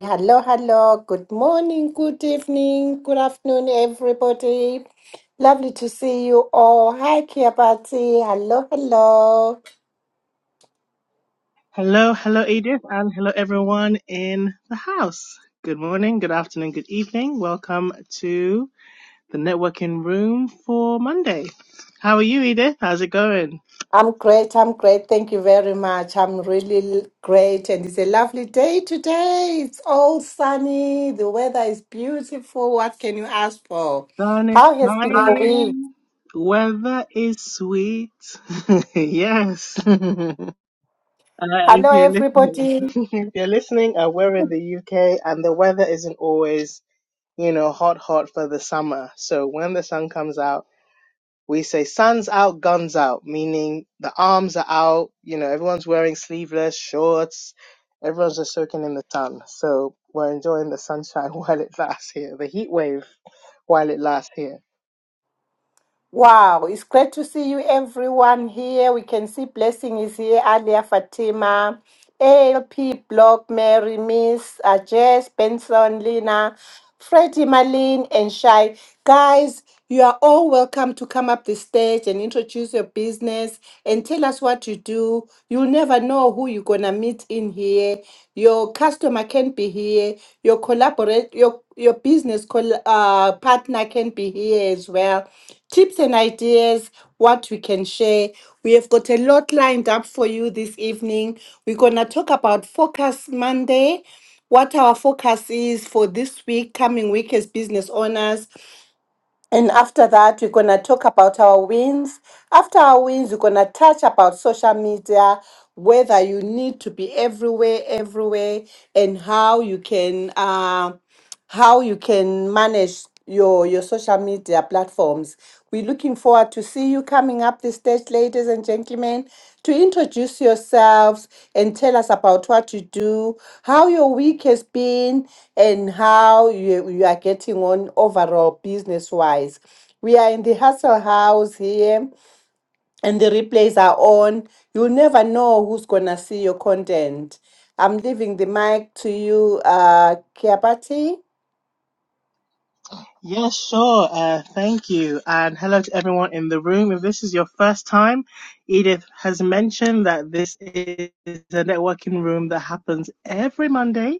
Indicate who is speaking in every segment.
Speaker 1: Hello, hello. Good morning, good evening, good afternoon, everybody. Lovely to see you all. Hi, Kia Party. Hello, hello.
Speaker 2: Hello, hello, Edith, and hello, everyone in the house. Good morning, good afternoon, good evening. Welcome to the networking room for Monday. How are you, Edith? How's it going?
Speaker 1: I'm great. I'm great. Thank you very much. I'm really l- great. And it's a lovely day today. It's all sunny. The weather is beautiful. What can you ask for?
Speaker 2: Sun is
Speaker 1: How has been your Hi. week?
Speaker 2: shining. Weather is sweet. yes. uh, if
Speaker 1: Hello,
Speaker 2: you're listening,
Speaker 1: everybody.
Speaker 2: if you're listening, uh, we're in the UK and the weather isn't always, you know, hot, hot for the summer. So when the sun comes out, we say "Suns out, guns out," meaning the arms are out. You know, everyone's wearing sleeveless shorts. Everyone's just soaking in the sun. So we're enjoying the sunshine while it lasts here, the heat wave while it lasts here.
Speaker 1: Wow, it's great to see you, everyone here. We can see Blessing is here, Alia Fatima, ALP, Block, Mary, Miss, uh, Jess, Benson, Lina, Freddie, Marlene, and Shai. Guys, you are all welcome to come up the stage and introduce your business and tell us what you do. You'll never know who you're going to meet get in here, your customer can be here, your collaborate, your your business col- uh, partner can be here as well. Tips and ideas, what we can share. We have got a lot lined up for you this evening. We're gonna talk about Focus Monday what our focus is for this week, coming week as business owners. And after that, we're going to talk about our wins. After our wins, we're going to touch about social media, whether you need to be everywhere, everywhere, and how you can, uh, how you can manage your, your social media platforms. We Looking forward to see you coming up the stage, ladies and gentlemen, to introduce yourselves and tell us about what you do, how your week has been, and how you, you are getting on overall business wise. We are in the Hustle House here, and the replays are on. You'll never know who's gonna see your content. I'm leaving the mic to you, uh, Kiabati.
Speaker 2: Yes, sure. Uh, thank you. And hello to everyone in the room. If this is your first time, Edith has mentioned that this is a networking room that happens every Monday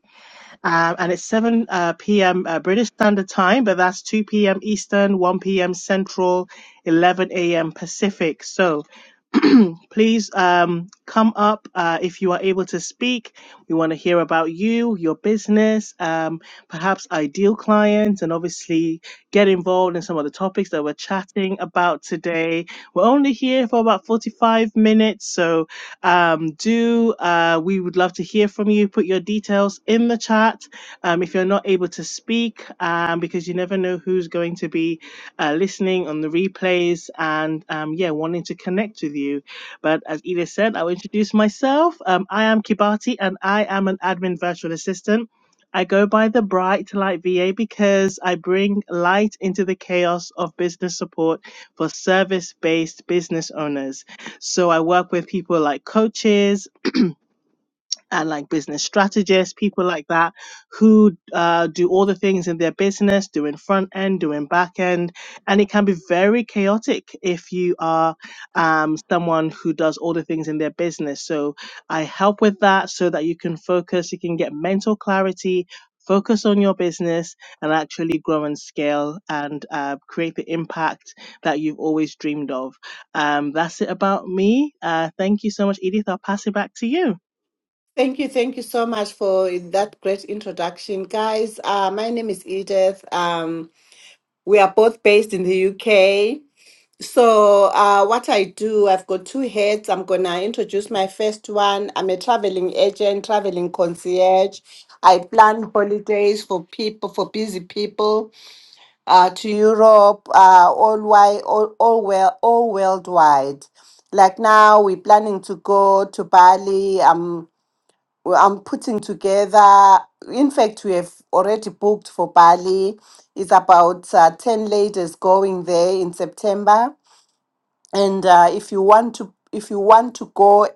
Speaker 2: Um, and it's 7 uh, p.m. Uh, British Standard Time, but that's 2 p.m. Eastern, 1 p.m. Central, 11 a.m. Pacific. So please um, come up uh, if you are able to speak. We want to hear about you, your business, um, perhaps ideal clients, and obviously get involved in some of the topics that we're chatting about today. We're only here for about 45 minutes, so um, do uh, we would love to hear from you. Put your details in the chat um, if you're not able to speak, um, because you never know who's going to be uh, listening on the replays and um, yeah, wanting to connect with you. But as Edith said, I'll introduce myself. Um, I am Kibati and I am an admin virtual assistant. I go by the Bright Light VA because I bring light into the chaos of business support for service based business owners. So I work with people like coaches, and like business strategists, people like that who uh, do all the things in their business, doing front end, doing back end. And it can be very chaotic if you are um, someone who does all the things in their business. So I help with that so that you can focus, you can get mental clarity. Focus on your business and actually grow and scale and uh, create the impact that you've always dreamed of. Um, that's it about me. Uh, thank you so much, Edith. I'll pass it back to you.
Speaker 1: Thank you, thank you so much for that great introduction, guys. Uh, my name is Edith. Um, we are both based in the UK. So, uh, what I do, I've got two heads. I'm gonna introduce my first one. I'm a traveling agent, traveling concierge. I plan holidays for people, for busy people, uh, to Europe, uh, all wide, all, all well, all worldwide. Like now, we're planning to go to Bali. Um, well, I'm putting together. In fact, we have already booked for Bali. It's about uh, ten ladies going there in September and uh, if you want to if you want to go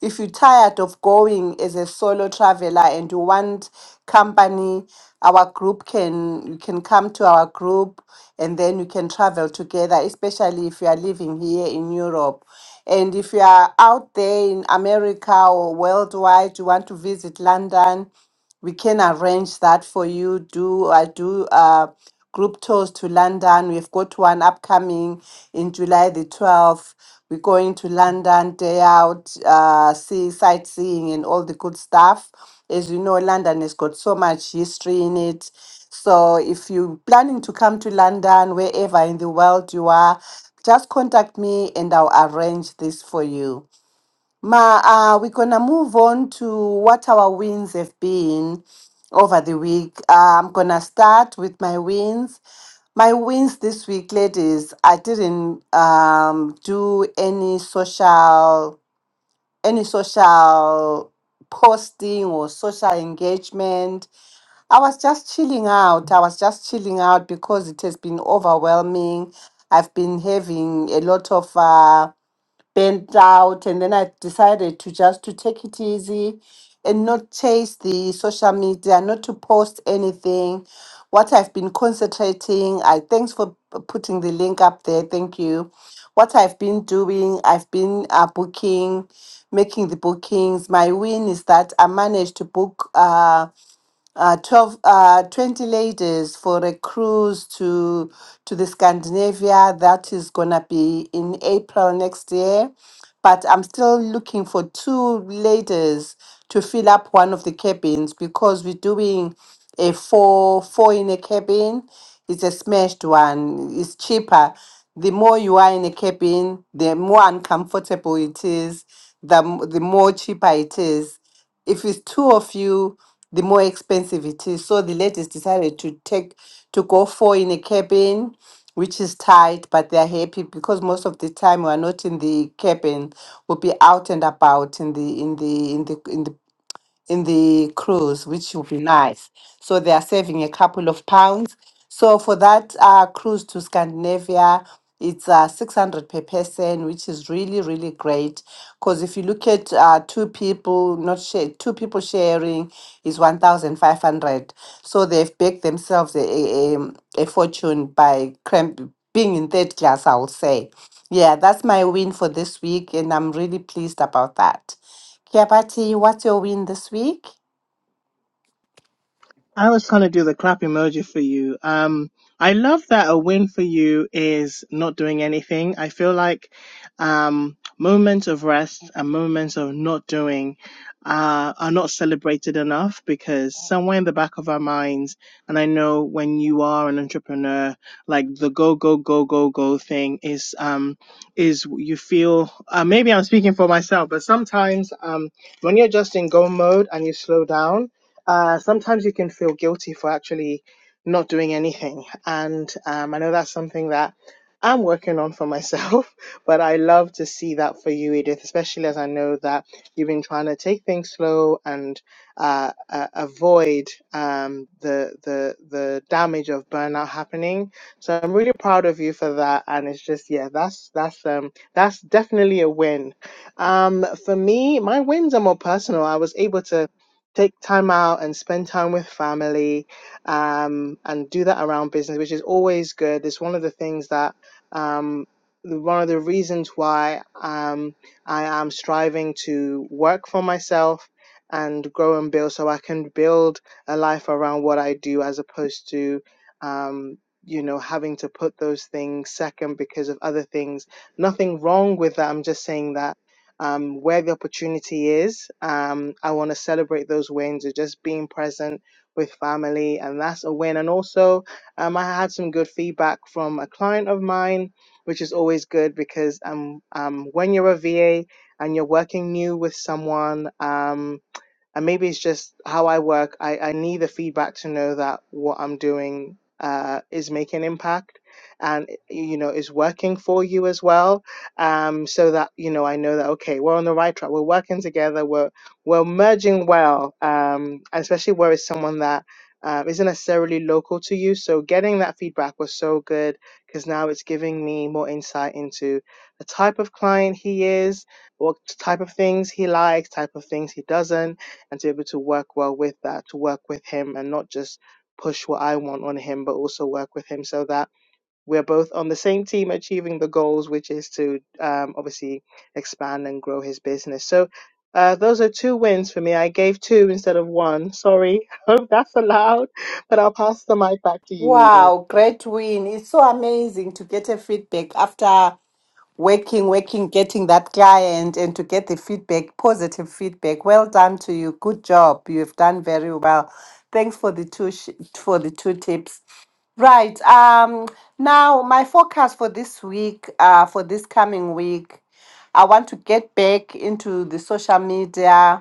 Speaker 1: if you're tired of going as a solo traveler and you want company our group can you can come to our group and then you can travel together especially if you are living here in europe and if you are out there in america or worldwide you want to visit london we can arrange that for you. Do I do uh, group tours to London? We've got one upcoming in July the twelfth. We're going to London day out, uh, see sightseeing and all the good stuff. As you know, London has got so much history in it. So if you're planning to come to London, wherever in the world you are, just contact me and I'll arrange this for you. Ma, uh, we're gonna move on to what our wins have been over the week. Uh, I'm gonna start with my wins. My wins this week, ladies. I didn't um, do any social, any social posting or social engagement. I was just chilling out. I was just chilling out because it has been overwhelming. I've been having a lot of. Uh, burnt out and then i decided to just to take it easy and not chase the social media not to post anything what i've been concentrating i thanks for p- putting the link up there thank you what i've been doing i've been uh, booking making the bookings my win is that i managed to book Uh, uh, 12, uh, 20 ladies for a cruise to to the Scandinavia. That is gonna be in April next year. But I'm still looking for two ladies to fill up one of the cabins because we're doing a four four in a cabin. It's a smashed one. It's cheaper. The more you are in a cabin, the more uncomfortable it is. The m- the more cheaper it is if it's two of you the more expensive it is. So the ladies decided to take to go for in a cabin, which is tight, but they're happy because most of the time we are not in the cabin. We'll be out and about in the in the in the in the in the cruise, which would be nice. So they are saving a couple of pounds. So for that uh, cruise to Scandinavia, it's uh, 600 per person, which is really, really great. Because if you look at uh, two people, not share, two people sharing is 1,500. So they've baked themselves a, a, a a fortune by cram- being in third class, I will say. Yeah, that's my win for this week, and I'm really pleased about that. Kiabati, what's your win this week?
Speaker 2: I was gonna do the clap emoji for you. Um, I love that a win for you is not doing anything. I feel like um, moments of rest and moments of not doing uh, are not celebrated enough because somewhere in the back of our minds, and I know when you are an entrepreneur, like the go go go go go thing is um, is you feel uh, maybe I'm speaking for myself, but sometimes um, when you're just in go mode and you slow down uh, sometimes you can feel guilty for actually not doing anything. And um, I know that's something that I'm working on for myself, but I love to see that for you, Edith, especially as I know that you've been trying to take things slow and uh, uh, avoid um, the, the, the damage of burnout happening. So I'm really proud of you for that. And it's just, yeah, that's, that's, um, that's definitely a win. Um, for me, my wins are more personal. I was able to take time out and spend time with family um, and do that around business, which is always good. It's one of the things that, um, one of the reasons why um, I am striving to work for myself and grow and build so I can build a life around what I do as opposed to, um, you know, having to put those things second because of other things. Nothing wrong with that. I'm just saying that um, where the opportunity is. Um, I want to celebrate those wins of just being present with family, and that's a win. And also, um, I had some good feedback from a client of mine, which is always good because um, um, when you're a VA and you're working new with someone. Um, and maybe it's just how I work. I, I need the feedback to know that what I'm doing uh, is making impact and you know is working for you as well um so that you know i know that okay we're on the right track we're working together we're we're merging well um especially where it's someone that um, isn't necessarily local to you so getting that feedback was so good because now it's giving me more insight into the type of client he is what type of things he likes type of things he doesn't and to be able to work well with that, to work with him and not just push what I want on him, but also work with him so that we're both on the same team achieving the goals, which is to um, obviously expand and grow his business. So uh, those are two wins for me. I gave two instead of one. Sorry, hope that's allowed, but I'll pass the mic back to you, Edith.
Speaker 1: Wow, great win. It's so amazing to get a feedback after working, working, getting that client and to get the feedback, positive feedback. Well done to you. Good job. You've done very well. Thanks for the two sh- for the two tips. Right. Um now my focus for this week, uh for this coming week, I want to get back into the social media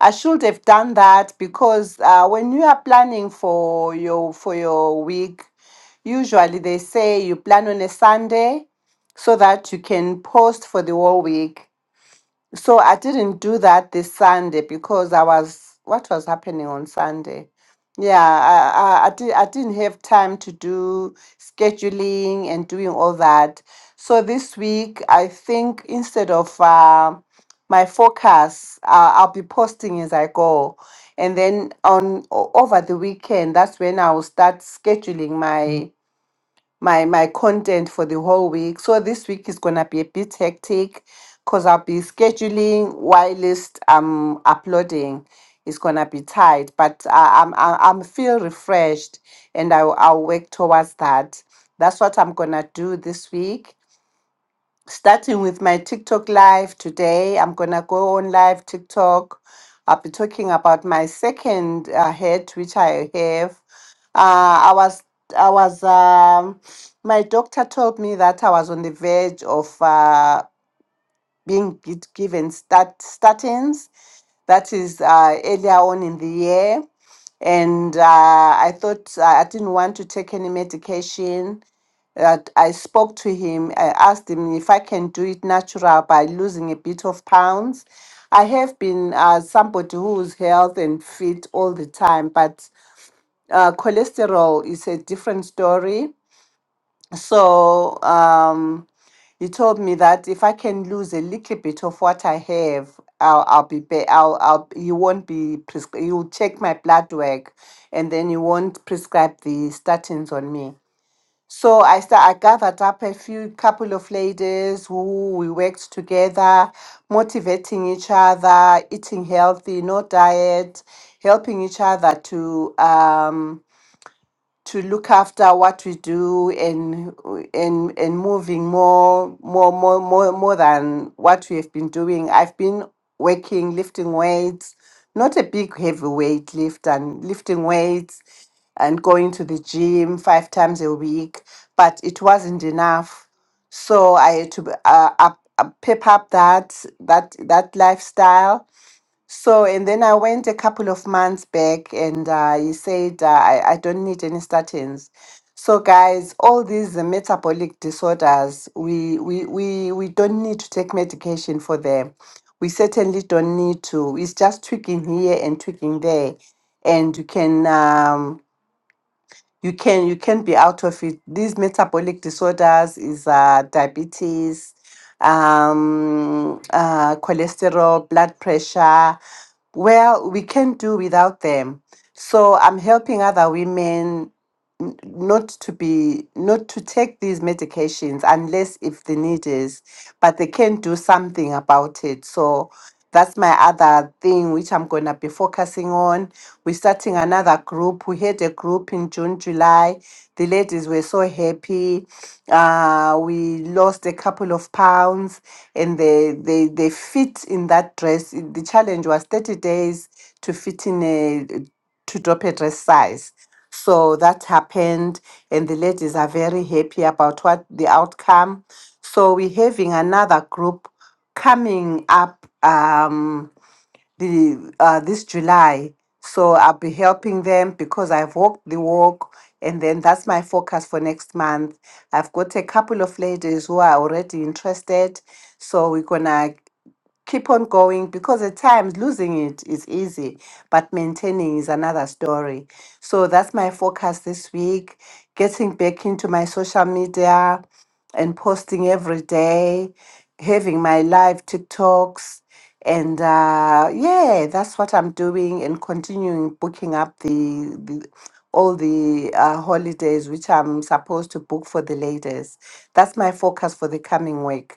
Speaker 1: I should have done that because uh, when you are planning for your for your week, usually they say you plan on a Sunday so that you can post for the whole week. So I didn't do that this Sunday because I was what was happening on Sunday. Yeah, I I, I, did, I didn't have time to do scheduling and doing all that. So this week, I think instead of uh, my focus, uh, I'll be posting as I go, and then on o- over the weekend, that's when I will start scheduling my my my content for the whole week. So this week is gonna be a bit hectic because I'll be scheduling whilst I'm uploading. It's gonna be tight, but I, I'm I, I'm I'm feel refreshed, and I I'll I'll work towards that. That's what I'm gonna do this week starting with my TikTok live today. I'm going to go on live TikTok. I'll be talking about my second uh, head, which I have. Uh, I was, I was, um, my doctor told me that I was on the verge of uh, being gi- given stat- statins. That is uh, earlier on in the year. And uh, I thought uh, I didn't want to take any medication. That I spoke to him. I asked him if I can do it natural by losing a bit of pounds. I have been uh, somebody who's healthy and fit all the time, but uh, cholesterol is a different story. So, um, you told me that if I can lose a little bit of what I have, I'll, I'll be better. I'll, I'll, you won't be, pres- you'll check my blood work and then you won't prescribe the statins on me. So I start, I gathered up a few couple of ladies who we worked together, motivating each other, eating healthy, no diet, helping each other to um, to look after what we do and and and moving more more more more more than what we have been doing. I've been working, lifting weights, not a big heavy weight lift and lifting weights and going to the gym five times a week, but it wasn't enough. So I had to uh, up, up, pep up that that that lifestyle so, and then I went a couple of months back and uh, he said, uh, I, I don't need any statins. So, guys, all these uh, metabolic disorders, we, we, we, we don't need to take medication for them. We certainly don't need to. It's just tweaking here and tweaking there. And you can. Um, you can you can be out of it. These metabolic disorders is uh, diabetes, um, uh, cholesterol, blood pressure. Well, we can do without them. So I'm helping other women n- not to be not to take these medications unless if the need is, but they can do something about it. So that's my other thing which I'm gonna be focusing on we're starting another group. We had a group in June, July. The ladies were so happy. Uh, we lost a couple of pounds and they, they, they fit in that dress. The challenge was 30 days to fit in a, to drop a dress size. So that happened, and the ladies are very happy about what the outcome. So we're having another group coming up. Um, the uh, this July. So I'll be helping them because I've walked the walk, and then that's my focus for next month. I've got a couple of ladies who are already interested, so we're gonna keep on going because at times losing it is easy, but maintaining is another story. So that's my focus this week getting back into my social media and posting every day, having my live TikToks. And uh, yeah, that's what I'm doing and continuing booking up the, the all the uh, holidays which I'm supposed to book for the ladies. That's my focus for the coming week.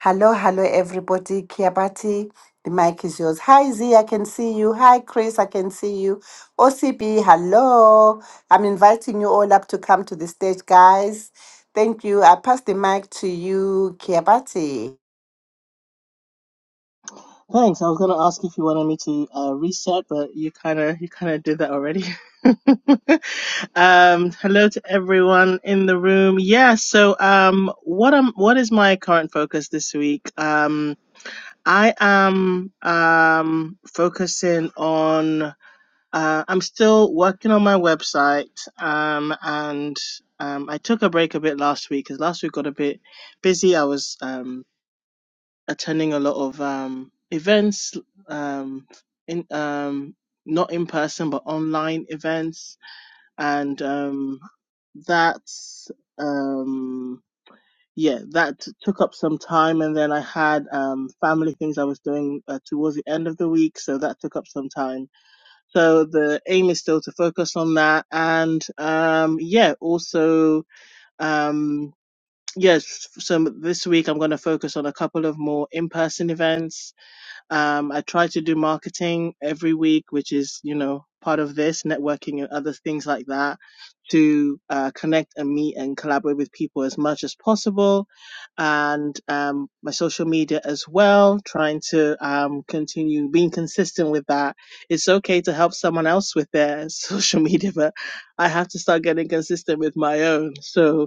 Speaker 1: Hello, hello, everybody. Kiabati, the mic is yours. Hi, Z, I can see you. Hi, Chris, I can see you. OCB, hello. I'm inviting you all up to come to the stage, guys. Thank you. I pass the mic to you, Kiabati.
Speaker 2: Thanks. I was gonna ask if you wanted me to uh, reset, but you kind of you kind of did that already. um, hello to everyone in the room. Yeah. So, um, what am what is my current focus this week? Um, I am um focusing on. Uh, I'm still working on my website. Um, and um, I took a break a bit last week because last week got a bit busy. I was um attending a lot of um, events, um, in um, not in person but online events, and um, that um, yeah, that took up some time. And then I had um, family things I was doing uh, towards the end of the week, so that took up some time. So the aim is still to focus on that, and um, yeah, also. Um, Yes, So this week I'm going to focus on a couple of more in-person events um, I try to do marketing every week, which is, you know, part of this networking and other things like that to uh, connect and meet and collaborate with people as much as possible. And um, my social media as well, trying to um, continue being consistent with that. It's okay to help someone else with their social media, but I have to start getting consistent with my own. So,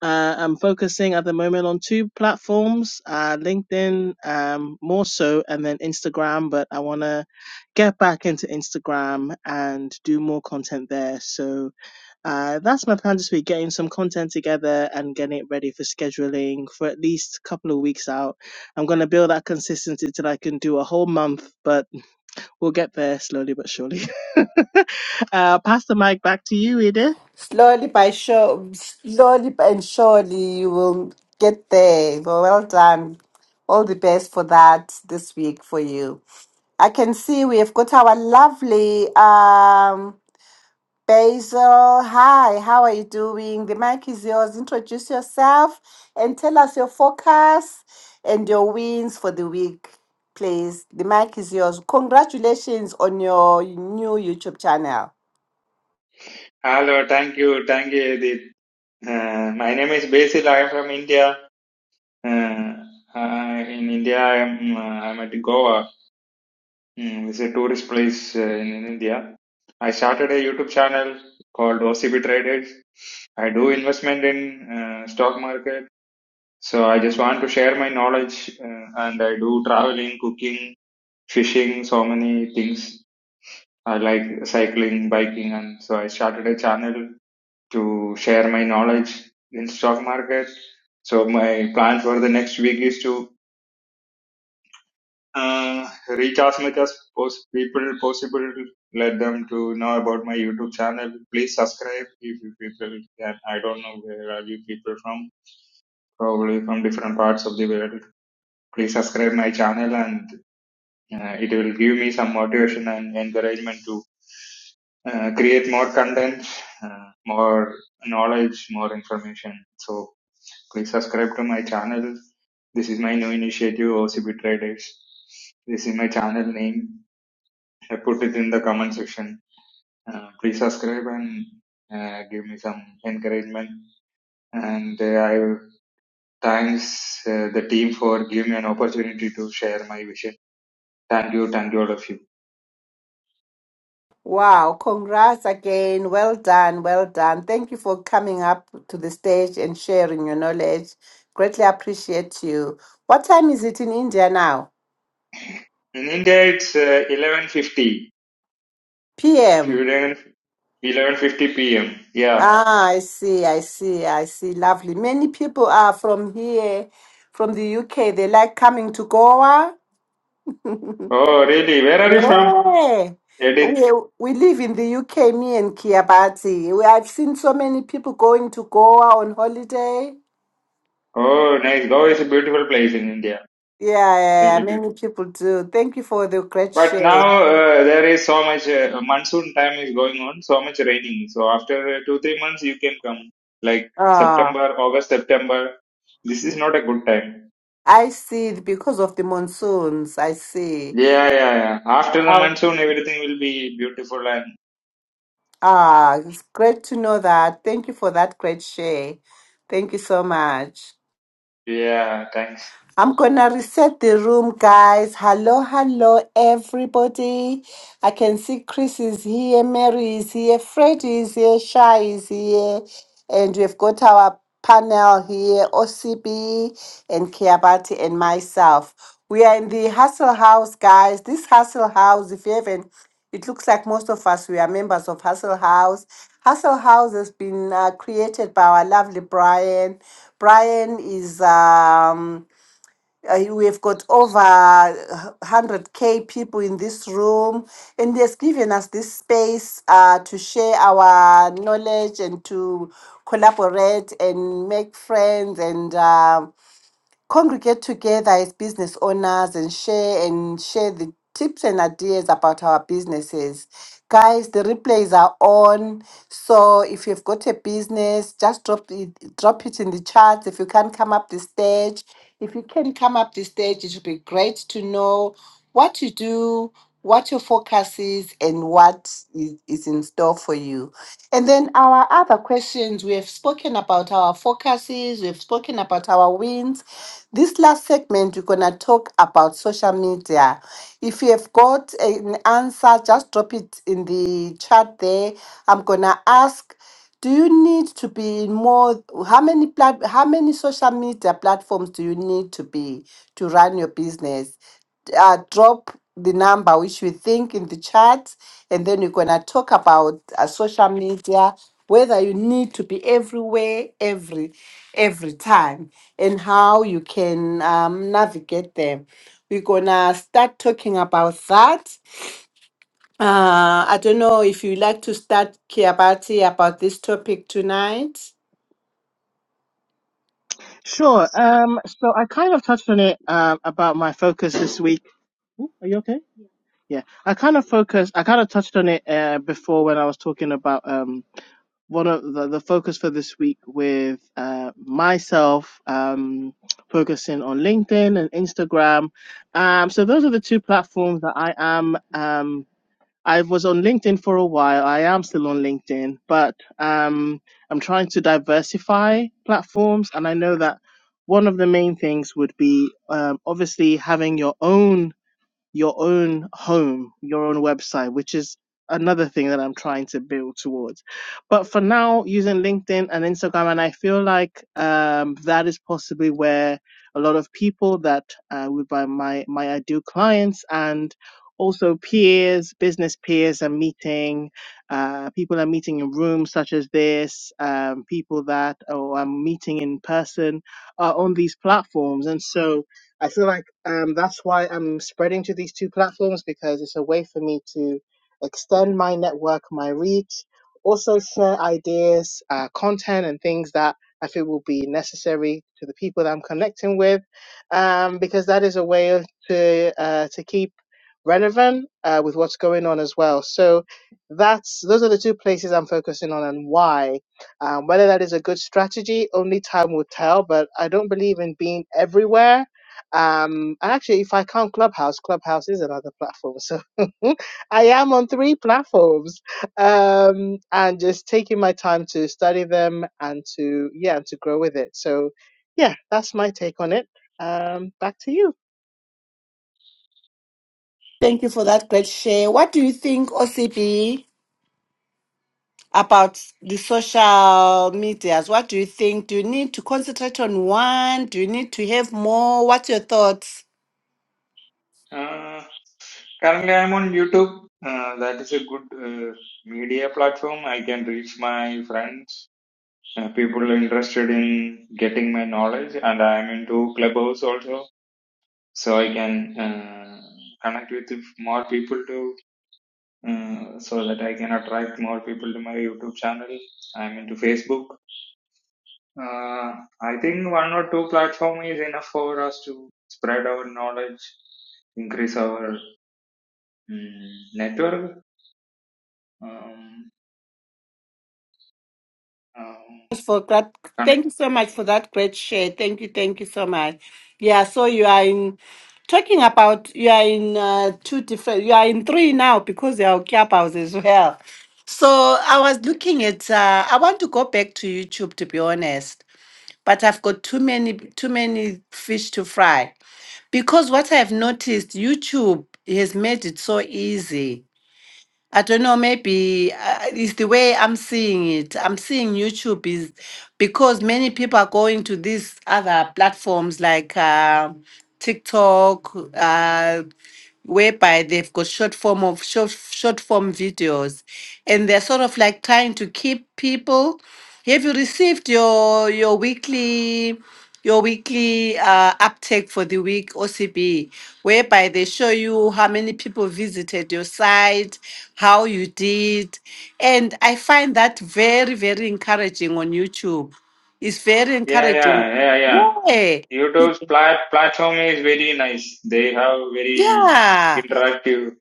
Speaker 2: uh, I'm focusing at the moment on two platforms, uh, LinkedIn um, more so, and then Instagram. But I want to get back into Instagram and do more content there. So uh, that's my plan this week: getting some content together and getting it ready for scheduling for at least a couple of weeks out. I'm gonna build that consistency till I can do a whole month, but We'll get there slowly but surely. uh, pass the mic back to you, Edith.
Speaker 1: Slowly by show, slowly and surely, you will get there. Well, well done. All the best for that this week for you. I can see we have got our lovely um Basil, hi, how are you doing? The mic is yours. Introduce yourself and tell us your forecast and your wins for the week, please. The mic is yours. Congratulations on your new YouTube channel.
Speaker 3: Hello, thank you, thank you, Edith. Uh, my name is Basil. I am from India. Uh, I, in India, I am uh, I'm at Goa. Mm, it's a tourist place uh, in, in India. I started a YouTube channel called OCB Traders. I do investment in uh, stock market. So I just want to share my knowledge, uh, and I do traveling, cooking, fishing, so many things. I like cycling, biking, and so I started a channel to share my knowledge in stock market. So my plan for the next week is to uh, reach as much as pos- people possible. Let them to know about my YouTube channel. Please subscribe if you people can. I don't know where are you people from. Probably from different parts of the world. Please subscribe my channel and uh, it will give me some motivation and encouragement to uh, create more content, uh, more knowledge, more information. So Please subscribe to my channel. This is my new initiative, OCB Traders. This is my channel name. I put it in the comment section. Uh, please subscribe and uh, give me some encouragement. And uh, I thanks uh, the team for giving me an opportunity to share my vision. Thank you, thank you all of you.
Speaker 1: Wow, congrats again. Well done, well done. Thank you for coming up to the stage and sharing your knowledge. Greatly appreciate you. What time is it in India now?
Speaker 3: In India, it's uh, 11:50. If
Speaker 1: PM.
Speaker 3: you didn't 11:50 p.m. Yeah.
Speaker 1: Ah, I see, I see, I see. Lovely. Many people are from here, from the UK. They like coming to Goa.
Speaker 3: Oh, really? Where are you from?
Speaker 1: Yeah.
Speaker 3: Edith.
Speaker 1: We, we live in the UK, me and Kiabati. We, I've seen so many people going to Goa on holiday.
Speaker 3: Oh, nice. Goa is a beautiful place in India.
Speaker 1: Yeah, yeah, yeah,
Speaker 3: really
Speaker 1: many
Speaker 3: beautiful.
Speaker 1: people do. Thank you for the great
Speaker 3: But
Speaker 1: share.
Speaker 3: now uh, there is so much uh, monsoon time is going on, so much raining. So after uh, two three months you can come, like
Speaker 1: Ah,
Speaker 3: September, August, September. This is not a good time.
Speaker 1: I see, because of the monsoons. I see.
Speaker 3: Yeah, yeah, yeah. After the monsoon, everything will be beautiful and
Speaker 1: Ah, it's great to know that. Thank you for that great share. Thank you so much.
Speaker 3: yeah. Thanks.
Speaker 1: I'm gonna reset the room, guys. Hello, hello, everybody. I can see Chris is here, Mary is here, Freddy is here, Shai is here, and we've got our panel here, OCB and Kiabati and myself. We are in the Hustle House, guys. This Hustle House, if you haven't, it looks like most of us we are members of Hustle House. Hustle House has been uh, created by our lovely Brian. Brian is um uh, you- we have got over uh, 100k people in this room and he has given us this space uh, to share our knowledge and to collaborate and make friends and um congregate together as business owners and share and share the tips and ideas about our businesses. Guys, the replays are on. So if you've got a business, just drop it drop it in the chat. If you can't come up the stage, if you can come up the stage, it would be great to know what you do, what your focus is, and what is, is in store for you. And then our other questions, we have spoken about our focuses, we've spoken about our wins, this last segment, we're going to talk about social media. If you have got an answer, just drop it in the chat there. I'm going to ask do you need to be in more how many plat, how many social media platforms do you need to be to run your business uh, drop the number which you think in the chat, and then we're gonna talk about uh, social media, whether you need to be everywhere, every every time, and how you can um, navigate them. We're gonna start talking about that. Uh, I don't know if you like to start, Kiabati, about this topic tonight.
Speaker 2: Sure. Um, so I kind of touched on it um, about my focus this week. Ooh, are you okay? Yeah, I kind of focused. I kind of touched on it uh, before when I was talking about um, one of the, the focus for this week with uh, myself um, focusing on LinkedIn and Instagram. Um, so those are the two platforms that I am. Um, I was on LinkedIn for a while. I am still on LinkedIn, but um, I'm trying to diversify platforms, and I know that one of the main things would be um, obviously having your own your own home, your own website, which is another thing that I'm trying to build towards. But for now, using LinkedIn and Instagram, and I feel like um, that is possibly where a lot of people that uh, would buy my my ideal clients and also peers, business peers are meeting. Uh, people are meeting in rooms such as this. Um, people that oh, I'm meeting in person are on these platforms, and so I feel like um, that's why I'm spreading to these two platforms because it's a way for me to extend my network, my reach, also share ideas, uh, content, and things that I feel will be necessary to the people that I'm connecting with, um, because that is a way of to uh, to keep relevant uh, with what's going on as well. So that's those are the two places I'm focusing on and why. Um, whether that is a good strategy, only time will tell. But I don't believe in being everywhere um, and actually, if I count Clubhouse, Clubhouse is another platform. So I am on three platforms, um, and just taking my time to study them and to yeah, and to grow with it. So yeah, that's my take on it. Um, back to you.
Speaker 1: Thank you for that great share. What do you think, OCB? about the social medias. What do you think? Do you need to concentrate on one? Do you need to have more? What's your thoughts?
Speaker 3: Uh, currently, I'm on YouTube. Uh, that is a good uh, media platform. I can reach my friends, uh, people interested in getting my knowledge, and I'm into Clubhouse also. so I can uh, connect with more people to uh, so that I can attract more people to my YouTube channel. I'm into Facebook. Uh, I think one or two platform is enough for us to spread our knowledge, increase our mm, network, um, um,
Speaker 1: Thanks For that, thank
Speaker 3: connect.
Speaker 1: you so much for that great share. Thank you, thank you so much. Yeah, so you are in talking about you are in uh, two different. You are in three now because there are clubhouse as well. So I was
Speaker 3: Yeah,
Speaker 1: looking at. Uh, I want to go back to YouTube to be honest, but I've got too many too many fish to fry. Because what I've noticed, YouTube has made it so easy I don't know, maybe uh, it's the way I'm seeing it. I'm seeing YouTube is because many people are going to these other platforms like uh, TikTok, uh, whereby they've got short form of short, short form videos, and they're sort of like trying to keep people. Have you received your your weekly your weekly uh, uptake for the week OCB, whereby they show you how many people visited your site, how you did. And I find that very, very encouraging on YouTube. It's very
Speaker 3: yeah,
Speaker 1: encouraging.
Speaker 3: yeah, yeah. yeah.
Speaker 1: Yeah.
Speaker 3: YouTube's plat- platform is very nice. They have very
Speaker 1: Yeah.
Speaker 3: interactive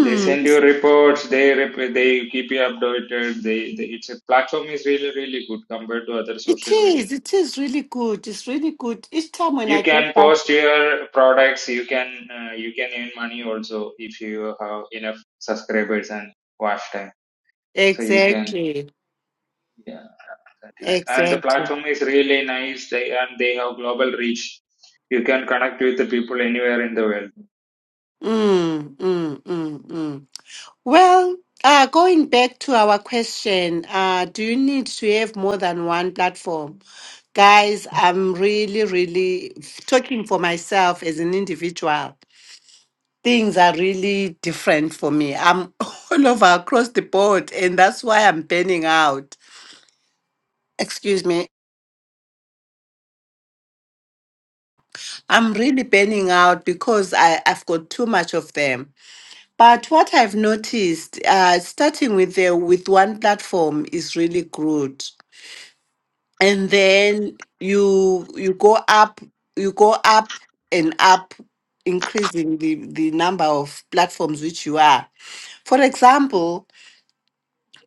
Speaker 3: They send you reports. They rep- they keep you updated. They, they it's a platform is really really good compared to other
Speaker 1: it
Speaker 3: social media.
Speaker 1: is. It is really good. It's really good. Each time when I
Speaker 3: You
Speaker 1: get
Speaker 3: can
Speaker 1: back.
Speaker 3: post your products. You can uh, you can earn money also if you have enough subscribers and watch time. So you can
Speaker 1: Exactly.
Speaker 3: yeah that is and the
Speaker 1: Exactly.
Speaker 3: platform is really nice. They and they have global reach. You can connect with the people anywhere in the world.
Speaker 1: Mm, mm, mm, mm. Well, uh, going back to our question, uh, do you need to have more than one platform? Guys, I'm really, really talking for myself as an individual. Things are really different for me. I'm all over across the board, and that's why I'm burning out. Excuse me. I'm really burning out because I, I've got too much of them. But what I've noticed, uh, starting with the, with one platform is really good and then you you go up you go up and up increasing the the number of platforms which you are for example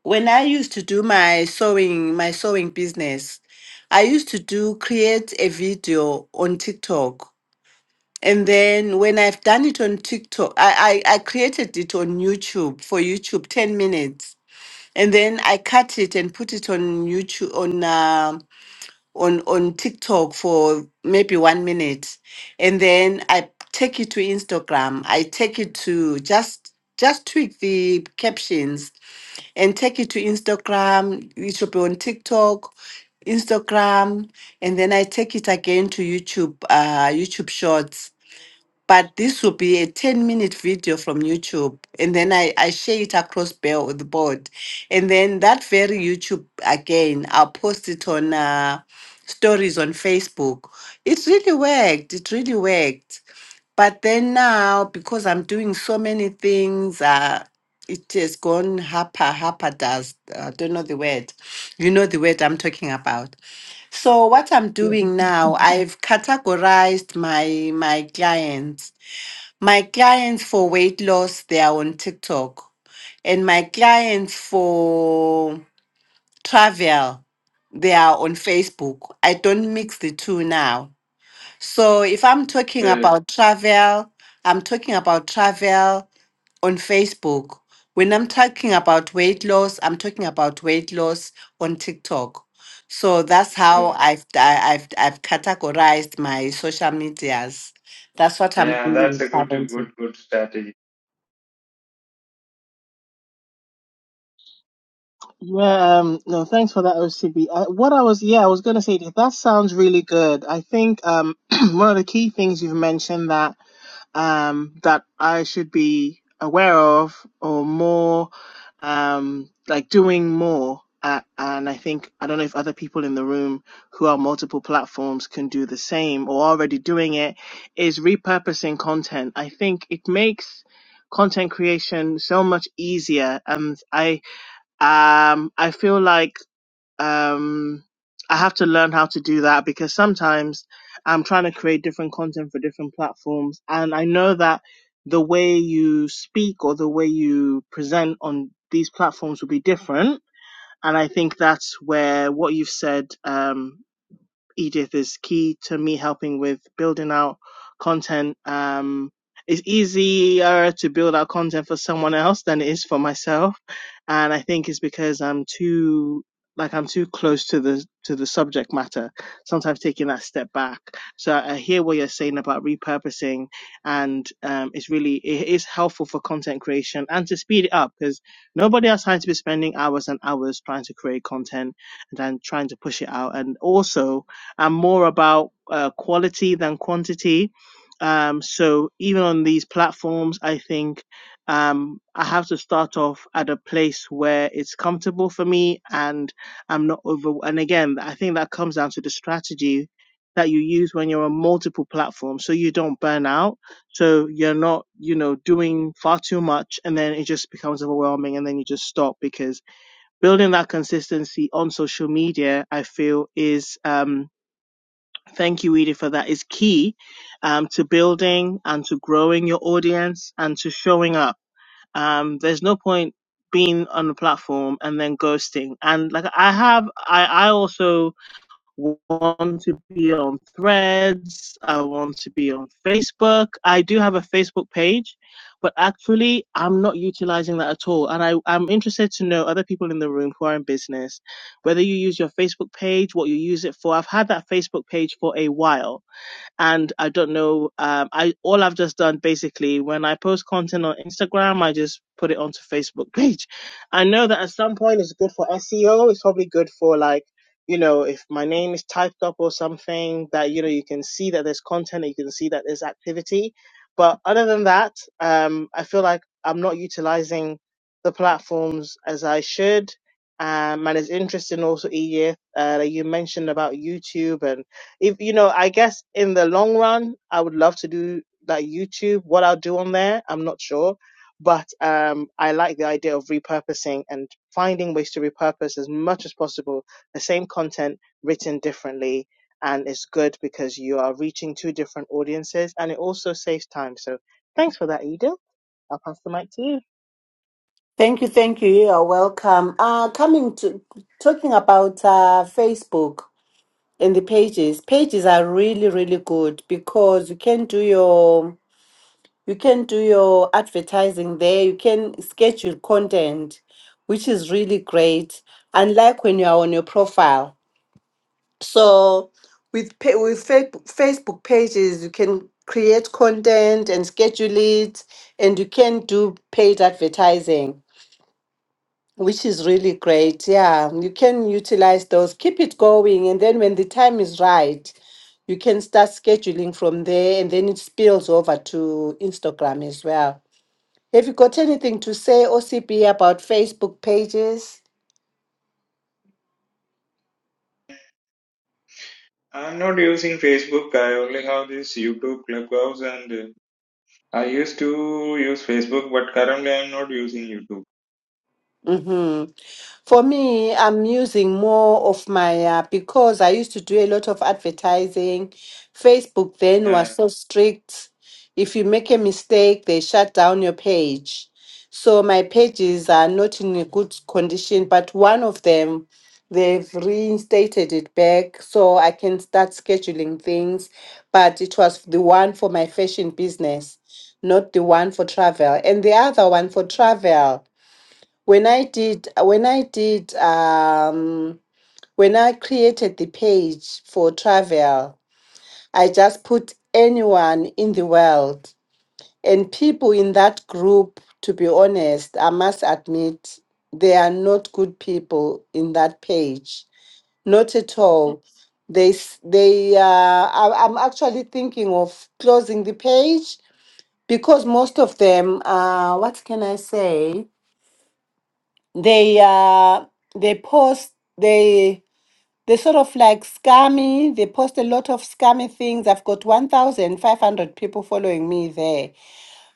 Speaker 1: when i used to do my sewing my sewing business i used to do create a video on tiktok and then when i've done it on tiktok i i, I created it on youtube for youtube 10 minutes and then i cut it and put it on youtube on Um, on on TikTok for maybe one minute, and then I take it to Instagram. I take it to just just tweak the captions and take it to Instagram. It should be on TikTok, Instagram, and then I take it again to YouTube, uh, YouTube Shorts but this will be a 10 minute video from YouTube. And then I, I share it across Bell the board. And then that very YouTube again, I'll post it on uh, stories on Facebook. It really worked. It really worked. But then now, because I'm doing so many things, uh, it has gone hapa hapa dust. I don't know the word. You know the word I'm talking about. So what I'm doing now, Mhm. I've categorized my my clients my clients for weight loss, they are on TikTok. And my clients for travel, they are on Facebook. I don't mix the two now. So if I'm talking
Speaker 3: Okay.
Speaker 1: about travel, I'm talking about travel on Facebook. When I'm talking about weight loss, I'm talking about weight loss on TikTok. So that's how
Speaker 3: okay.
Speaker 1: I've I, I've I've categorized my social medias. That's what I'm
Speaker 3: Yeah, that's
Speaker 1: doing
Speaker 3: a good
Speaker 1: currently.
Speaker 3: good good strategy.
Speaker 2: Yeah, um, no, thanks for that, OCB. what I was, yeah, I was going to say that that sounds really good. I think um, one of the key things you've mentioned that um, that I should be aware of or more um, like doing more. Uh, and I think I don't know if other people in the room who are multiple platforms can do the same or already doing it is repurposing content. I think it makes content creation so much easier. And I um I feel like um I have to learn how to do that because sometimes I'm trying to create different content for different platforms and I know that the way you speak or the way you present on these platforms will be different and I think that's where what you've said um Edith is key to me helping with building out content. Um, it's easier to build out content for someone else than it is for myself, and I think it's because I'm too like I'm too close to the to the subject matter. Sometimes taking that step back. So I hear what you're saying about repurposing, and um, it's really it is helpful for content creation and to speed it up because nobody has time to be spending hours and hours trying to create content and then trying to push it out, and also and more about uh, quality than quantity. Um, so even on these platforms, I think um, I have to start off at a place where it's comfortable for me and I'm not over. And again, I think that comes down to the strategy that you use when you're on multiple platforms so you don't burn out. So you're not, you know, doing far too much and then it just becomes overwhelming and then you just stop because building that consistency on social media, I feel is. Um, Thank you, Edith, for that is key um, to building and to growing your audience and to showing up. Um, there's no point being on the platform and then ghosting. And like I have, I, I also want to be on threads i want to be on facebook i do have a facebook page but actually i'm not utilizing that at all and I, i'm interested to know other people in the room who are in business whether you use your facebook page what you use it for i've had that facebook page for a while and I don't know. Um, I all I've just done basically when I post content on Instagram, I just put it onto Facebook page. I know that at some point it's good for SEO. It's probably good for like you know if my name is typed up or something that you know you can see that there's content, and you can see that there's activity. But other than that, um, I feel like I'm not utilizing the platforms as I should. Um, and it's interesting also, Edith, uh, that you mentioned about YouTube and if you know, I guess in the long run, I would love to do like YouTube. What I'll do on there, I'm not sure, but um, I like the idea of repurposing and finding ways to repurpose as much as possible the same content written differently. And it's good because you are reaching two different audiences, and it also saves time. So thanks for that, Edith. I'll pass the mic to you.
Speaker 1: Thank you, thank you. You are welcome. Uh, coming to talking about uh, Facebook and the pages. Pages are really, really good because you can do your you can do your advertising there. You can schedule content, which is really great. Unlike when you are on your profile. So with pa- with fa- Facebook pages, you can create content and schedule it, and you can do paid advertising which is really great. Yeah, you can utilize those, keep it going, and then when the time is right, you can start scheduling from there, and then it spills over to Instagram as well. Have you got anything to say, OCB, about Facebook pages?
Speaker 3: I'm not using Facebook. I only have this YouTube Clubhouse, and uh, I used to use Facebook, but currently I'm not using YouTube.
Speaker 1: hmm For me, I'm using more of my uh, because I used to do a lot of advertising. Facebook then was
Speaker 3: Yeah,
Speaker 1: so strict. If you make a mistake, they shut down your page. So my
Speaker 3: yeah,
Speaker 1: pages are not in a good condition, but one of them, they've reinstated it back so I can start scheduling things. But it was the one for my fashion business, not the one for travel. And the other one for
Speaker 3: good.
Speaker 1: travel when I did when I did um when I created the page for travel, I just put anyone in the world and people in that group to be honest, I must admit they are not good people in that page. Not at all. They s- they uh, I, I'm actually thinking of closing the page because most of them uh what can I say? they uh they post they they sort of like scammy they post a lot of scammy things i've got 1500 people following me there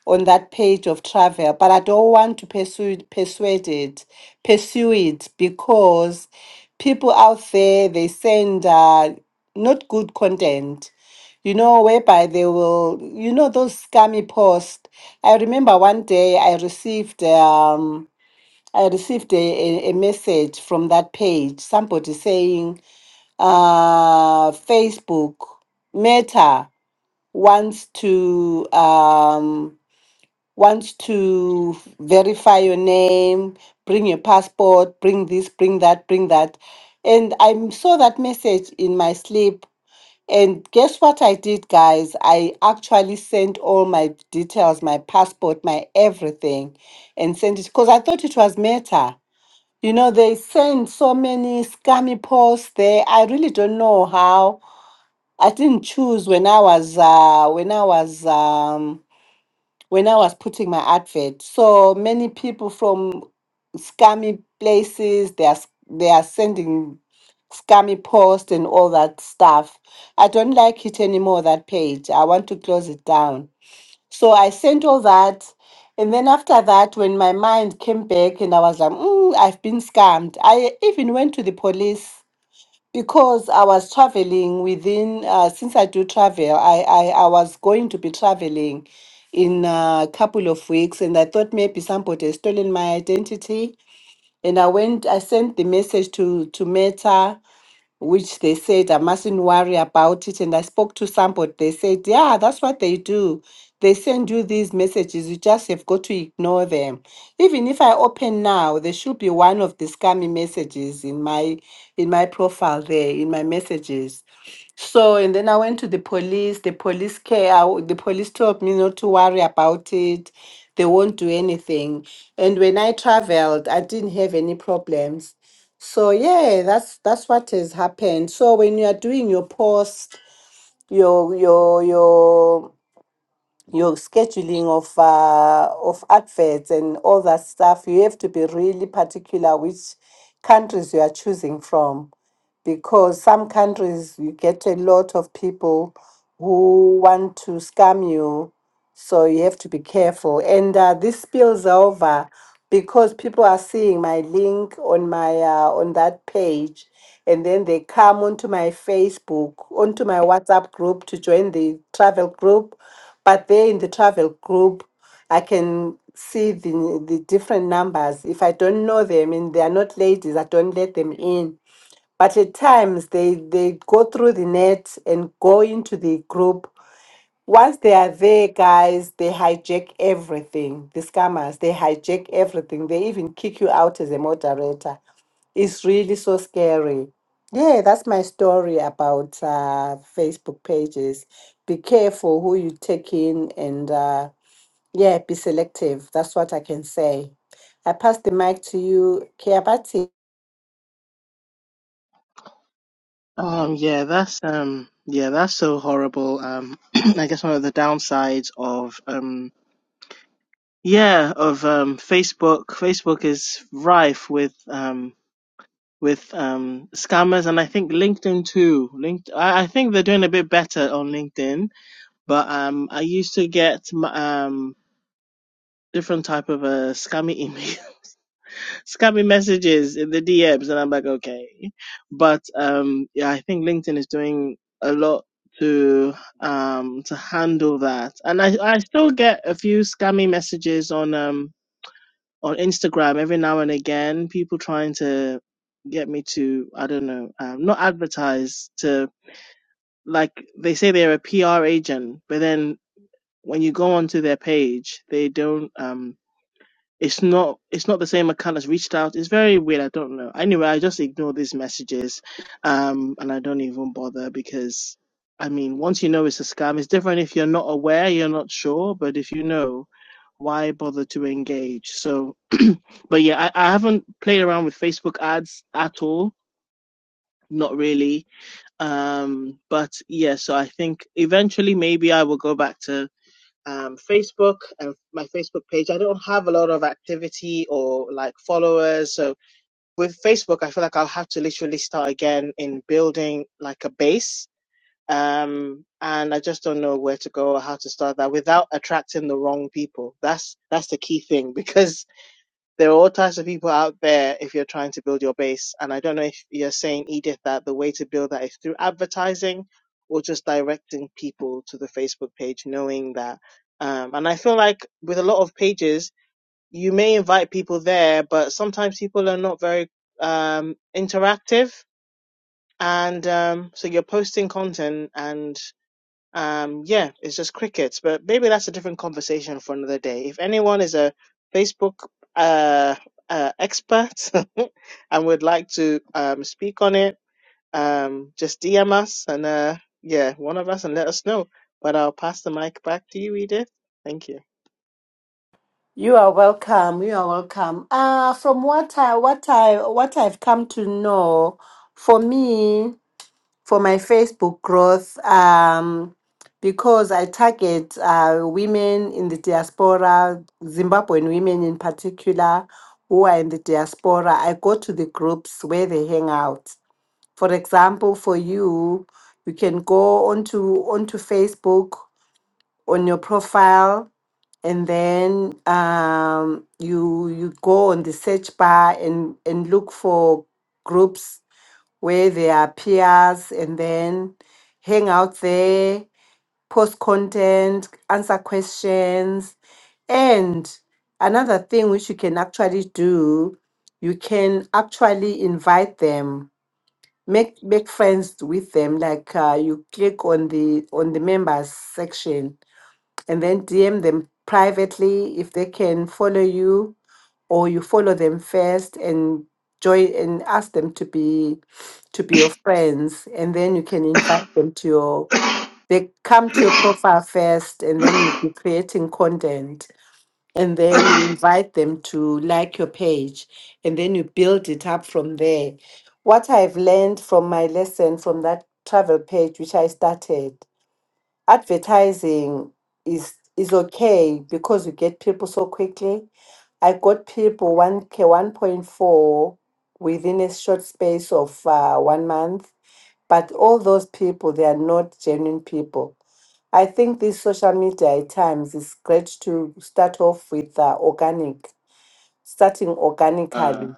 Speaker 1: on that page of travel but i don't want to pursue persuade it pursue it because people out there they send uh not good content you know, whereby they will, you know, those scammy posts. I remember one day I received um. I received a, a, a message from that page, somebody saying uh, Facebook Meta wants to um, wants to verify your name, bring your passport, bring this, bring that, bring that. And I m- saw that message in my sleep. And guess what I did, guys? I actually sent all my details, my passport, my everything, and sent it because I thought it was Meta. You know, they send so many scammy posts there. I really don't know how. I didn't choose when I was uh, when I was um, when I was putting my advert. So many people from scammy places they are s- they are sending scammy posts and all that stuff. I don't like it anymore. That page. I want to close it down. So I sent all that. And then after that, when my mind came back and I was like, mm, I've been scammed, I even went to the police because I was traveling within, uh, since I do travel, I, I, I was going to be traveling in a couple of weeks and I thought maybe somebody had stolen my identity. And I went, I sent the message to, to Meta which they said I mustn't worry about it. And I spoke to somebody, they said, Yeah, that's what they do. They send you these messages, you just have got to ignore them. Even if I open now, there should be one of the scammy messages in my in my profile there, in my messages. So and then I went to the police. The police care. I- The police told me not to worry about it. They won't do anything. And when I traveled, I didn't have any problems so yeah, that's that's what has happened. So when you are doing your post, your your your your scheduling of uh, of adverts and all that stuff, you have to be really particular which countries you are choosing from, because some countries you get a lot of people who want to scam you so you have to be careful. And uh, this spills over because people are seeing my link on my uh, on that page, and then they come onto my Facebook, onto my WhatsApp group to join the travel group. But there in the travel group, I can see the the different numbers. If I don't know them and they are not ladies, I don't let them in. But at times they they go through the net and go into the group once they are there, guys, they hijack everything. The scammers, they hijack everything. They even kick you out as a moderator. It's really so scary. Yeah, that's my story about uh, Facebook pages. Be careful who you take in and uh, yeah, be selective. That's what I can say. I pass the mic to you, Kiabati.
Speaker 2: Um, yeah, that's um, yeah, that's so horrible. Um, I guess one of the downsides of um Yeah, of um, Facebook. Facebook is rife with um, with um, scammers, and I think LinkedIn too. Linked, I, I think they're doing a bit better on LinkedIn, but um, I used to get m- um, different type of uh, scammy email, scammy messages in the DMs, and I'm like, okay. But um, yeah, I think LinkedIn is doing a lot to um to handle that and i i still get a few scammy messages on um on Instagram every now and again, people trying to get me to, I don't know, um, not advertise, to like they say they're a PR agent, but then when you go onto their page, they don't. Um, it's not it's not the same account that's reached out. It's very weird. I don't know. Anyway, I just ignore these messages, um, and I don't even bother because, I mean, once you know it's a scam, it's different if you're not aware, you're not sure. But if you know, why bother to engage? So, but yeah, I, I haven't played around with Facebook ads at all. Not really. Um, but yeah, so I think eventually maybe I will go back to um, Facebook and my Facebook page. I don't have a lot of activity or like followers. So with Facebook, I feel like I'll have to literally start again in building like a base. Um, and I just don't know where to go or how to start that without attracting the wrong people. That's that's the key thing because there are all types of people out there if you're trying to build your base. And I don't know if you're saying, Edith, that the way to build that is through advertising or just directing people to the Facebook page, knowing that. Um, and I feel like with a lot of pages, you may invite people there, but sometimes people are not very um, interactive. And um, so you're posting content and. Um, yeah, it's just crickets, but maybe that's a different conversation for another day. If anyone is a Facebook uh, uh, expert and would like to um, speak on it, um, just DM us and uh, yeah, one of us and let us know. But I'll pass the mic back to you, Edith. Thank you.
Speaker 1: You are welcome. You are welcome. Uh, from what I what I what I've come to know, for me. for my Facebook growth um, because I target uh, women in the diaspora, Zimbabwean women in particular, who are in the diaspora. I go to the groups where they hang out. For example, for you, you can go onto onto Facebook on your profile and then um, you you go on the search bar and and look for groups where they are peers and then hang out there, post content, answer questions. And another thing which you can actually do, you can actually invite them, make make friends with them. Like uh, you click on the on the members section and then DM them privately if they can follow you or you follow them first and join and ask them to be to be your friends and then you can invite them to your
Speaker 3: good.
Speaker 1: they come to your profile first and then you'll be creating content and then you invite them to like your page and then you build it up from there what i've learned from my lesson from that travel page which i started advertising is is okay because you get people so quickly. I got people one k one point four within a short space of uh, one month, but all those people they are not genuine people. I think this social media at times is great to start off with uh, organic, starting
Speaker 3: uh,
Speaker 1: organically,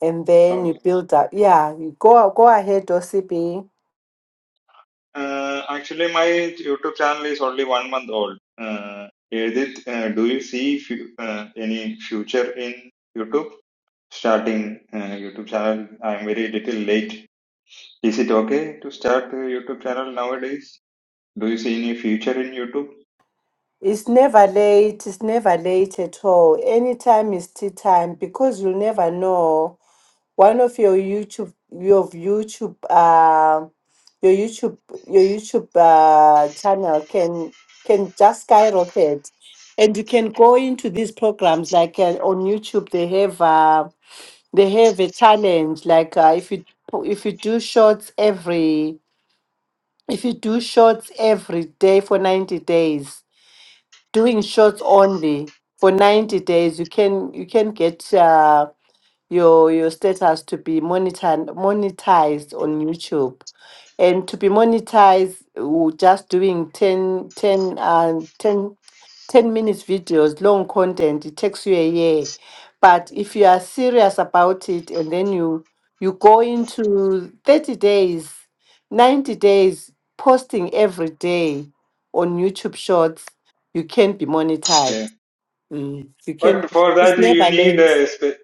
Speaker 1: and then you
Speaker 3: okay.
Speaker 1: build up. Yeah, you go go ahead, OCP.
Speaker 3: Uh, actually, my YouTube channel is only one month old. Uh, Edith, uh, do you see fu- uh, any future in YouTube? Starting uh, YouTube channel, I'm very little late. Is it okay to start a YouTube channel nowadays? Do you see any future in YouTube?
Speaker 1: It's never late. It's never late at all. Anytime is tea time because you'll never know. One of your YouTube, your YouTube, uh, your YouTube, your YouTube uh, channel can can just skyrocket, and you can go into these programs like uh, on YouTube. They have uh, they have a challenge like uh, if you if you do shorts every if you do shorts every day for 90 days doing shorts only for 90 days you can you can get uh, your your status to be monetized monetized on youtube and to be monetized uh, just doing ten ten 10 uh, 10 10 minutes videos, long content, it takes you a year. But if you are serious about it and then you you go into 30 days, 90 days posting every day on YouTube shorts, you can be monetized.
Speaker 3: Yeah.
Speaker 1: Mm, You can
Speaker 3: But for
Speaker 1: it's
Speaker 3: that, you
Speaker 1: never
Speaker 3: need
Speaker 1: late.
Speaker 3: a spe-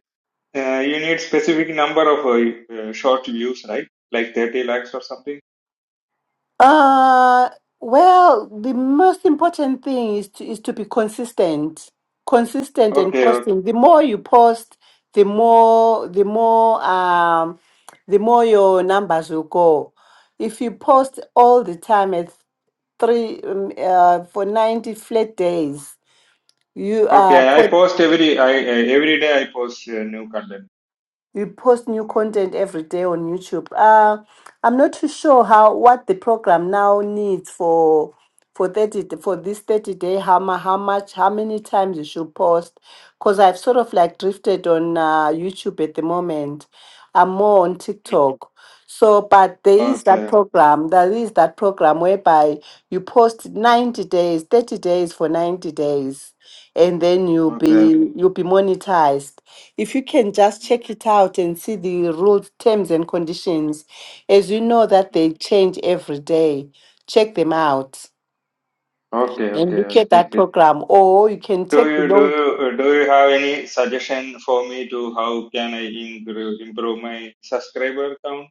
Speaker 3: uh, you need specific number of uh, uh, short views, right? Like 30 lakhs or something.
Speaker 1: Uh, well, the most important thing is to is to be consistent, consistent and
Speaker 3: Okay, o-
Speaker 1: posting. The more you post, the more the more um the more your numbers will go. If you post all the time at three um, uh, for ninety flat days, you are.
Speaker 3: okay. I post every I uh, every day. I post uh, new content.
Speaker 1: you post new content every day on YouTube. Uh, I'm not too sure how what the program now needs for for thirty d- for this thirty day. How mu- how much how many times you should post? Because I've sort of like drifted on uh, YouTube at the moment. I'm more on
Speaker 3: Mm.
Speaker 1: TikTok. So, but there is
Speaker 3: Okay,
Speaker 1: that program. There is that program whereby you post 90 days, 30 days for 90 days and then you'll
Speaker 3: okay,
Speaker 1: be you'll be monetized if you can just check
Speaker 3: Mhm.
Speaker 1: it out and see the rules terms and conditions as you know that they
Speaker 3: Mhm.
Speaker 1: change every day check them out
Speaker 3: okay,
Speaker 1: and
Speaker 3: okay.
Speaker 1: look
Speaker 3: I'll
Speaker 1: at that
Speaker 3: take it.
Speaker 1: program or you can
Speaker 3: Do
Speaker 1: take
Speaker 3: you
Speaker 1: the
Speaker 3: do
Speaker 1: long
Speaker 3: you uh, do you have any suggestion for me to how can I improve improve my subscriber count?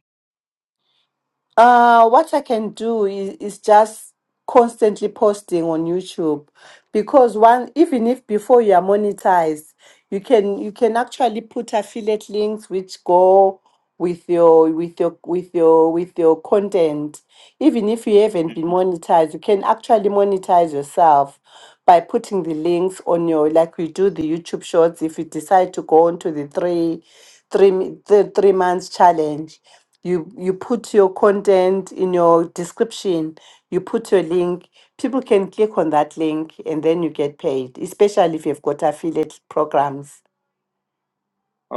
Speaker 1: Uh, what I can do is, is just constantly posting on YouTube because one, even if before you are monetized, you can you can actually put affiliate links which go with your with your with your with your content. Even if you haven't been
Speaker 3: Mhm.
Speaker 1: monetized, you can actually monetize yourself by putting the links on your like we do the YouTube shorts if you decide to go on to the three three mi- the three months challenge you you put your content in your description you put your link people can click on that link and then you get paid especially if you've got affiliate programs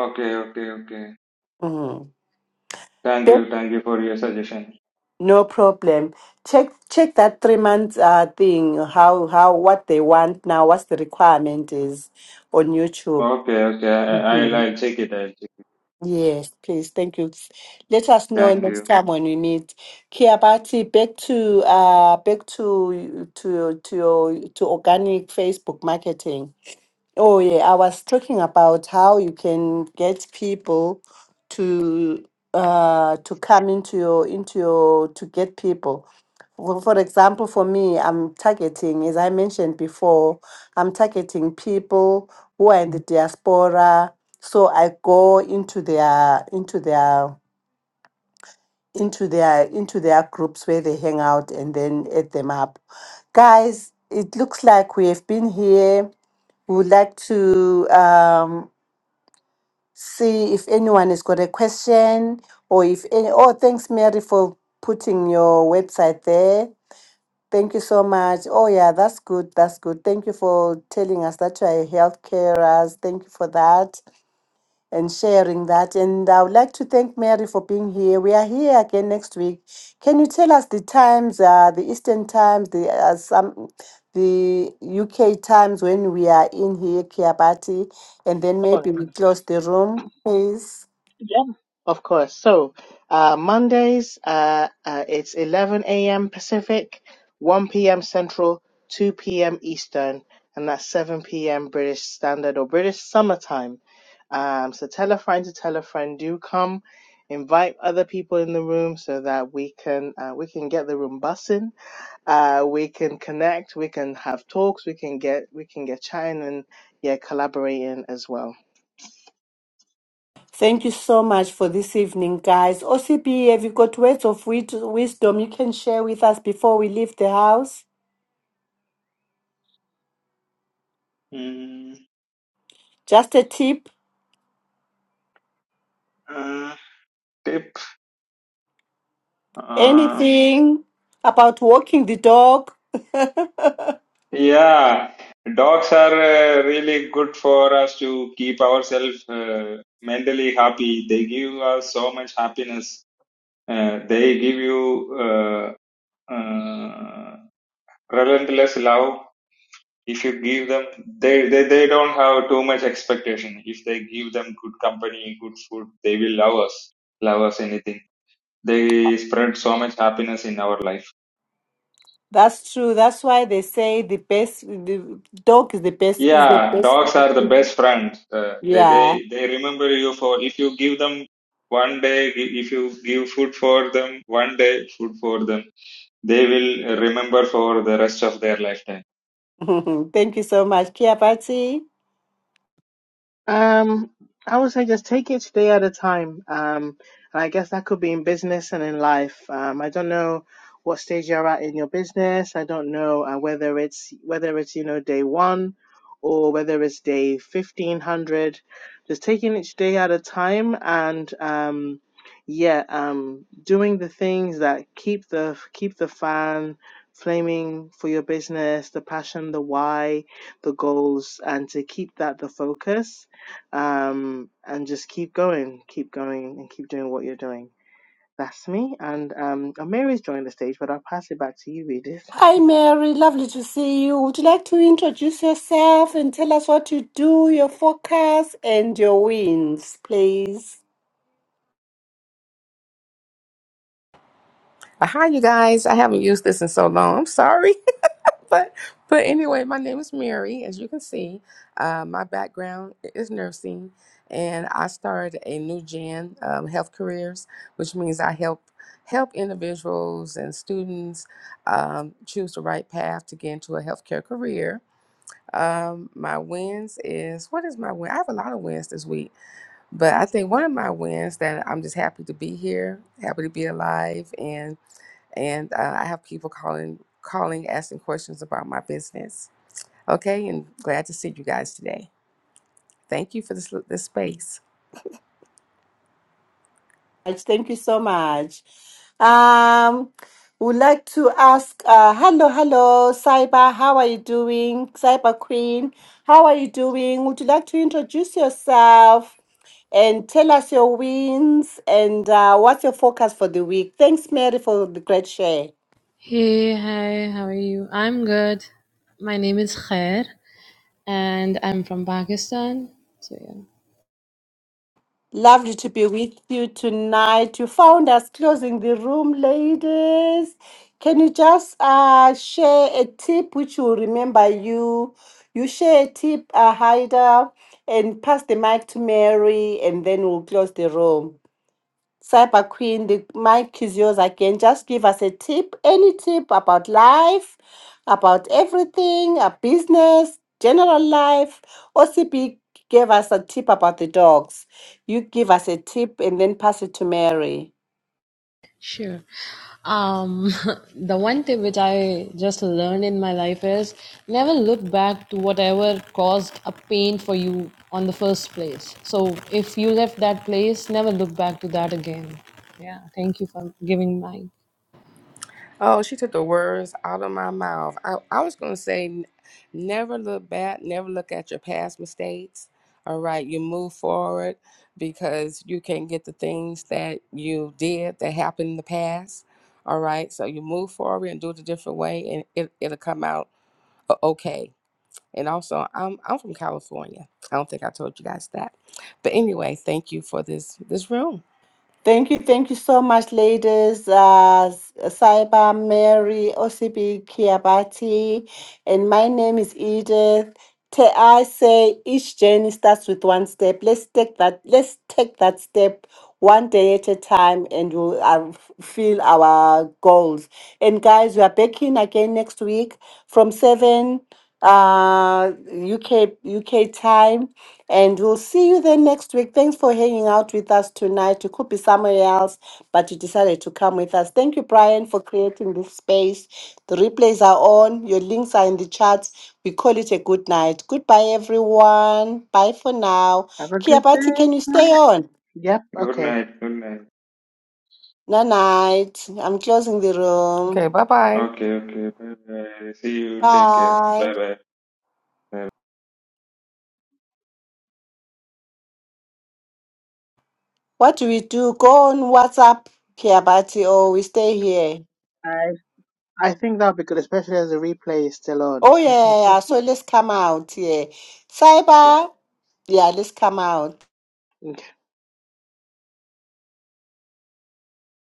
Speaker 3: Okay, okay, okay.
Speaker 1: Mhm.
Speaker 3: Thank
Speaker 1: Yep,
Speaker 3: you, thank you for your suggestion.
Speaker 1: no problem check check that three months uh, thing how how what they want now what's the requirement is on youtube
Speaker 3: Okay, okay. I,
Speaker 1: Mm-hmm.
Speaker 3: I'll, I'll check it. I'll check it.
Speaker 1: Yes, please. Thank you. S- Let us know
Speaker 3: Thank
Speaker 1: next
Speaker 3: you.
Speaker 1: time when we meet. Kiabati, back to uh back to to to your to organic Facebook marketing. Oh, yeah. I was talking about how you can get people to uh to come into your into your to get people. Well, for example, for me, I'm targeting, as I mentioned before, I'm targeting people who are in the diaspora. So I go into their into their into their into their groups where they hang out and then add them up. Guys, it looks like we have been here we would like to um, see if anyone has got a question or if any. Oh, thanks, Mary, for putting your website there. Thank you so much. Oh, yeah, that's good. That's good. Thank you for telling us that you are a health carers. Thank you for that and sharing that. And I would like to thank Mary for being here. We are here again next week. Can you tell us the times, uh, the Eastern times, the uh, some, the UK times when we are in here, Kiabati, and then maybe we close the room, please.
Speaker 2: Yeah, of course. So, uh, Mondays, uh, uh, it's 11 a.m. Pacific, 1 p.m. Central, 2 p.m. Eastern, and that's 7 p.m. British Standard or British Summertime. Um, so tell a friend to tell a friend. Do come, invite other people in the room so that we can uh, we can get the room bussing. Uh, we can connect. We can have talks. We can get we can get chatting and yeah, collaborating as well.
Speaker 1: Thank you so much for this evening, guys. OCP, have you got words of wit- wisdom you can share with us before we leave the house?
Speaker 3: Mm,
Speaker 1: Just a tip,
Speaker 3: uh, tip. Uh,
Speaker 1: anything about walking the dog.
Speaker 3: yeah, dogs are uh, really good for us to keep ourselves uh, mentally happy. They give us so much happiness. Uh, they give you uh, uh, relentless love. If you give them, they, they, they don't have too much expectation. If they give them good company, good food, they will love us, love us anything They spread so much happiness in our life.
Speaker 1: That's true. That's why they say the best, the dog is the best, is the
Speaker 3: Yeah,
Speaker 1: best.
Speaker 3: dogs are the best friends. Uh, they
Speaker 1: Yeah.
Speaker 3: they they remember you for if you give them one day, i- if you give food for them one day, food for them, they will remember for the rest of their lifetime.
Speaker 1: Thank you so much, Kia Patti.
Speaker 2: Um, I would say just take each day at a time. Um, and I guess that could be in business and in life. Um, I don't know what stage you're at in your business. I don't know uh, whether it's whether it's you know day one or whether it's day fifteen hundred. Just taking each day at a time and um, yeah, um, doing the things that keep the keep the fan flaming for your business, the passion, the why, the goals, and to keep that the focus um, and just keep going, keep going, and keep doing what you're doing. That's me. And um, oh, Mary's joined the stage, but I'll pass it back to you, Edith.
Speaker 1: Hi, Mary. Lovely to see you. Would you like to introduce yourself and tell us what you do, your focus, and your wins, please?
Speaker 4: Uh, Hi, you guys. I haven't used this in so long. I'm sorry, but but anyway, my name is Mary. As you can see, uh, my background is nursing, and I started a new gen um, health careers, which means I help help individuals and students um, choose the right path to get into a healthcare career. Um, my wins is what is my win? I have a lot of wins this week, but I think one of my wins that I'm just happy to be here, happy to be alive, and and uh, I have people calling, calling, asking questions about my business. Okay, and glad to see you guys today. Thank you for this this space.
Speaker 1: much. Thank you so much. Um, would like to ask, uh, hello, hello, Cyber, how are you doing? Cyber Queen, how are you doing? Would you like to introduce yourself and tell us your wins and uh, what's your focus for the week? Thanks, Mary, for the great share.
Speaker 5: Hey, hi, how are you? I'm good. My name is Khair and I'm from Pakistan. So yeah.
Speaker 1: Lovely to be with you tonight. You found us closing the room, ladies. Can you just uh, share a tip which will remember you? You share a tip, uh, Haida, and pass the mic to Mary, and then we'll close the room. Cyber Queen, the mic is yours again. Just give us a tip, any tip about life, about everything, a business, general life. OCP gave us a tip about the dogs. You give us a tip and then pass it to Mary.
Speaker 5: Sure. Um, the one tip which I just learned in my life is never look back to whatever caused a pain for you on the first place. So if you left that place, never look back to that again. Yeah, thank you for giving mine.
Speaker 4: Oh, she took the words out of my mouth. I, I was going to say, n- never look back, never look at your past mistakes. All right, you move forward because you can get the things that you did that happened in the past. All right, so you move forward and do it a different way, and it, it'll come out o- okay. And also, I'm I'm from California. I don't think I told you guys that, but anyway, thank you for this this room.
Speaker 1: Thank you, thank you so much, ladies. Uh, Cyber Mary, OCB Kiabati, and my name is Edith. Te- I say each journey starts with one step. Let's take that. Let's take that step one day at a time, and we'll uh, feel our goals. And guys, we are back in again next week from seven uh UK UK time and we'll see you then next week. Thanks for hanging out with us tonight. You could be somewhere else, but you decided to come with us. Thank you, Brian, for creating this space. The replays are on. Your links are in the chats. We call it a good night. Goodbye, everyone. Bye for now.
Speaker 2: Have a good
Speaker 1: Kiabati, can you
Speaker 2: day.
Speaker 1: stay on?
Speaker 2: Yep.
Speaker 3: Good
Speaker 2: Okay.
Speaker 3: night. Good night.
Speaker 1: No night. I'm closing the room.
Speaker 4: Okay, bye bye.
Speaker 3: Okay. Okay. Bye bye. See you. Take care.
Speaker 1: Bye.
Speaker 3: Bye bye.
Speaker 1: What do we do? Go on WhatsApp, Kiabati, or we stay here.
Speaker 2: I I think that'll be good, especially as the replay is still on.
Speaker 1: Oh yeah, yeah, yeah. So let's come out. Yeah.
Speaker 2: yeah.
Speaker 1: Cyber, yeah, let's come out.
Speaker 2: Okay.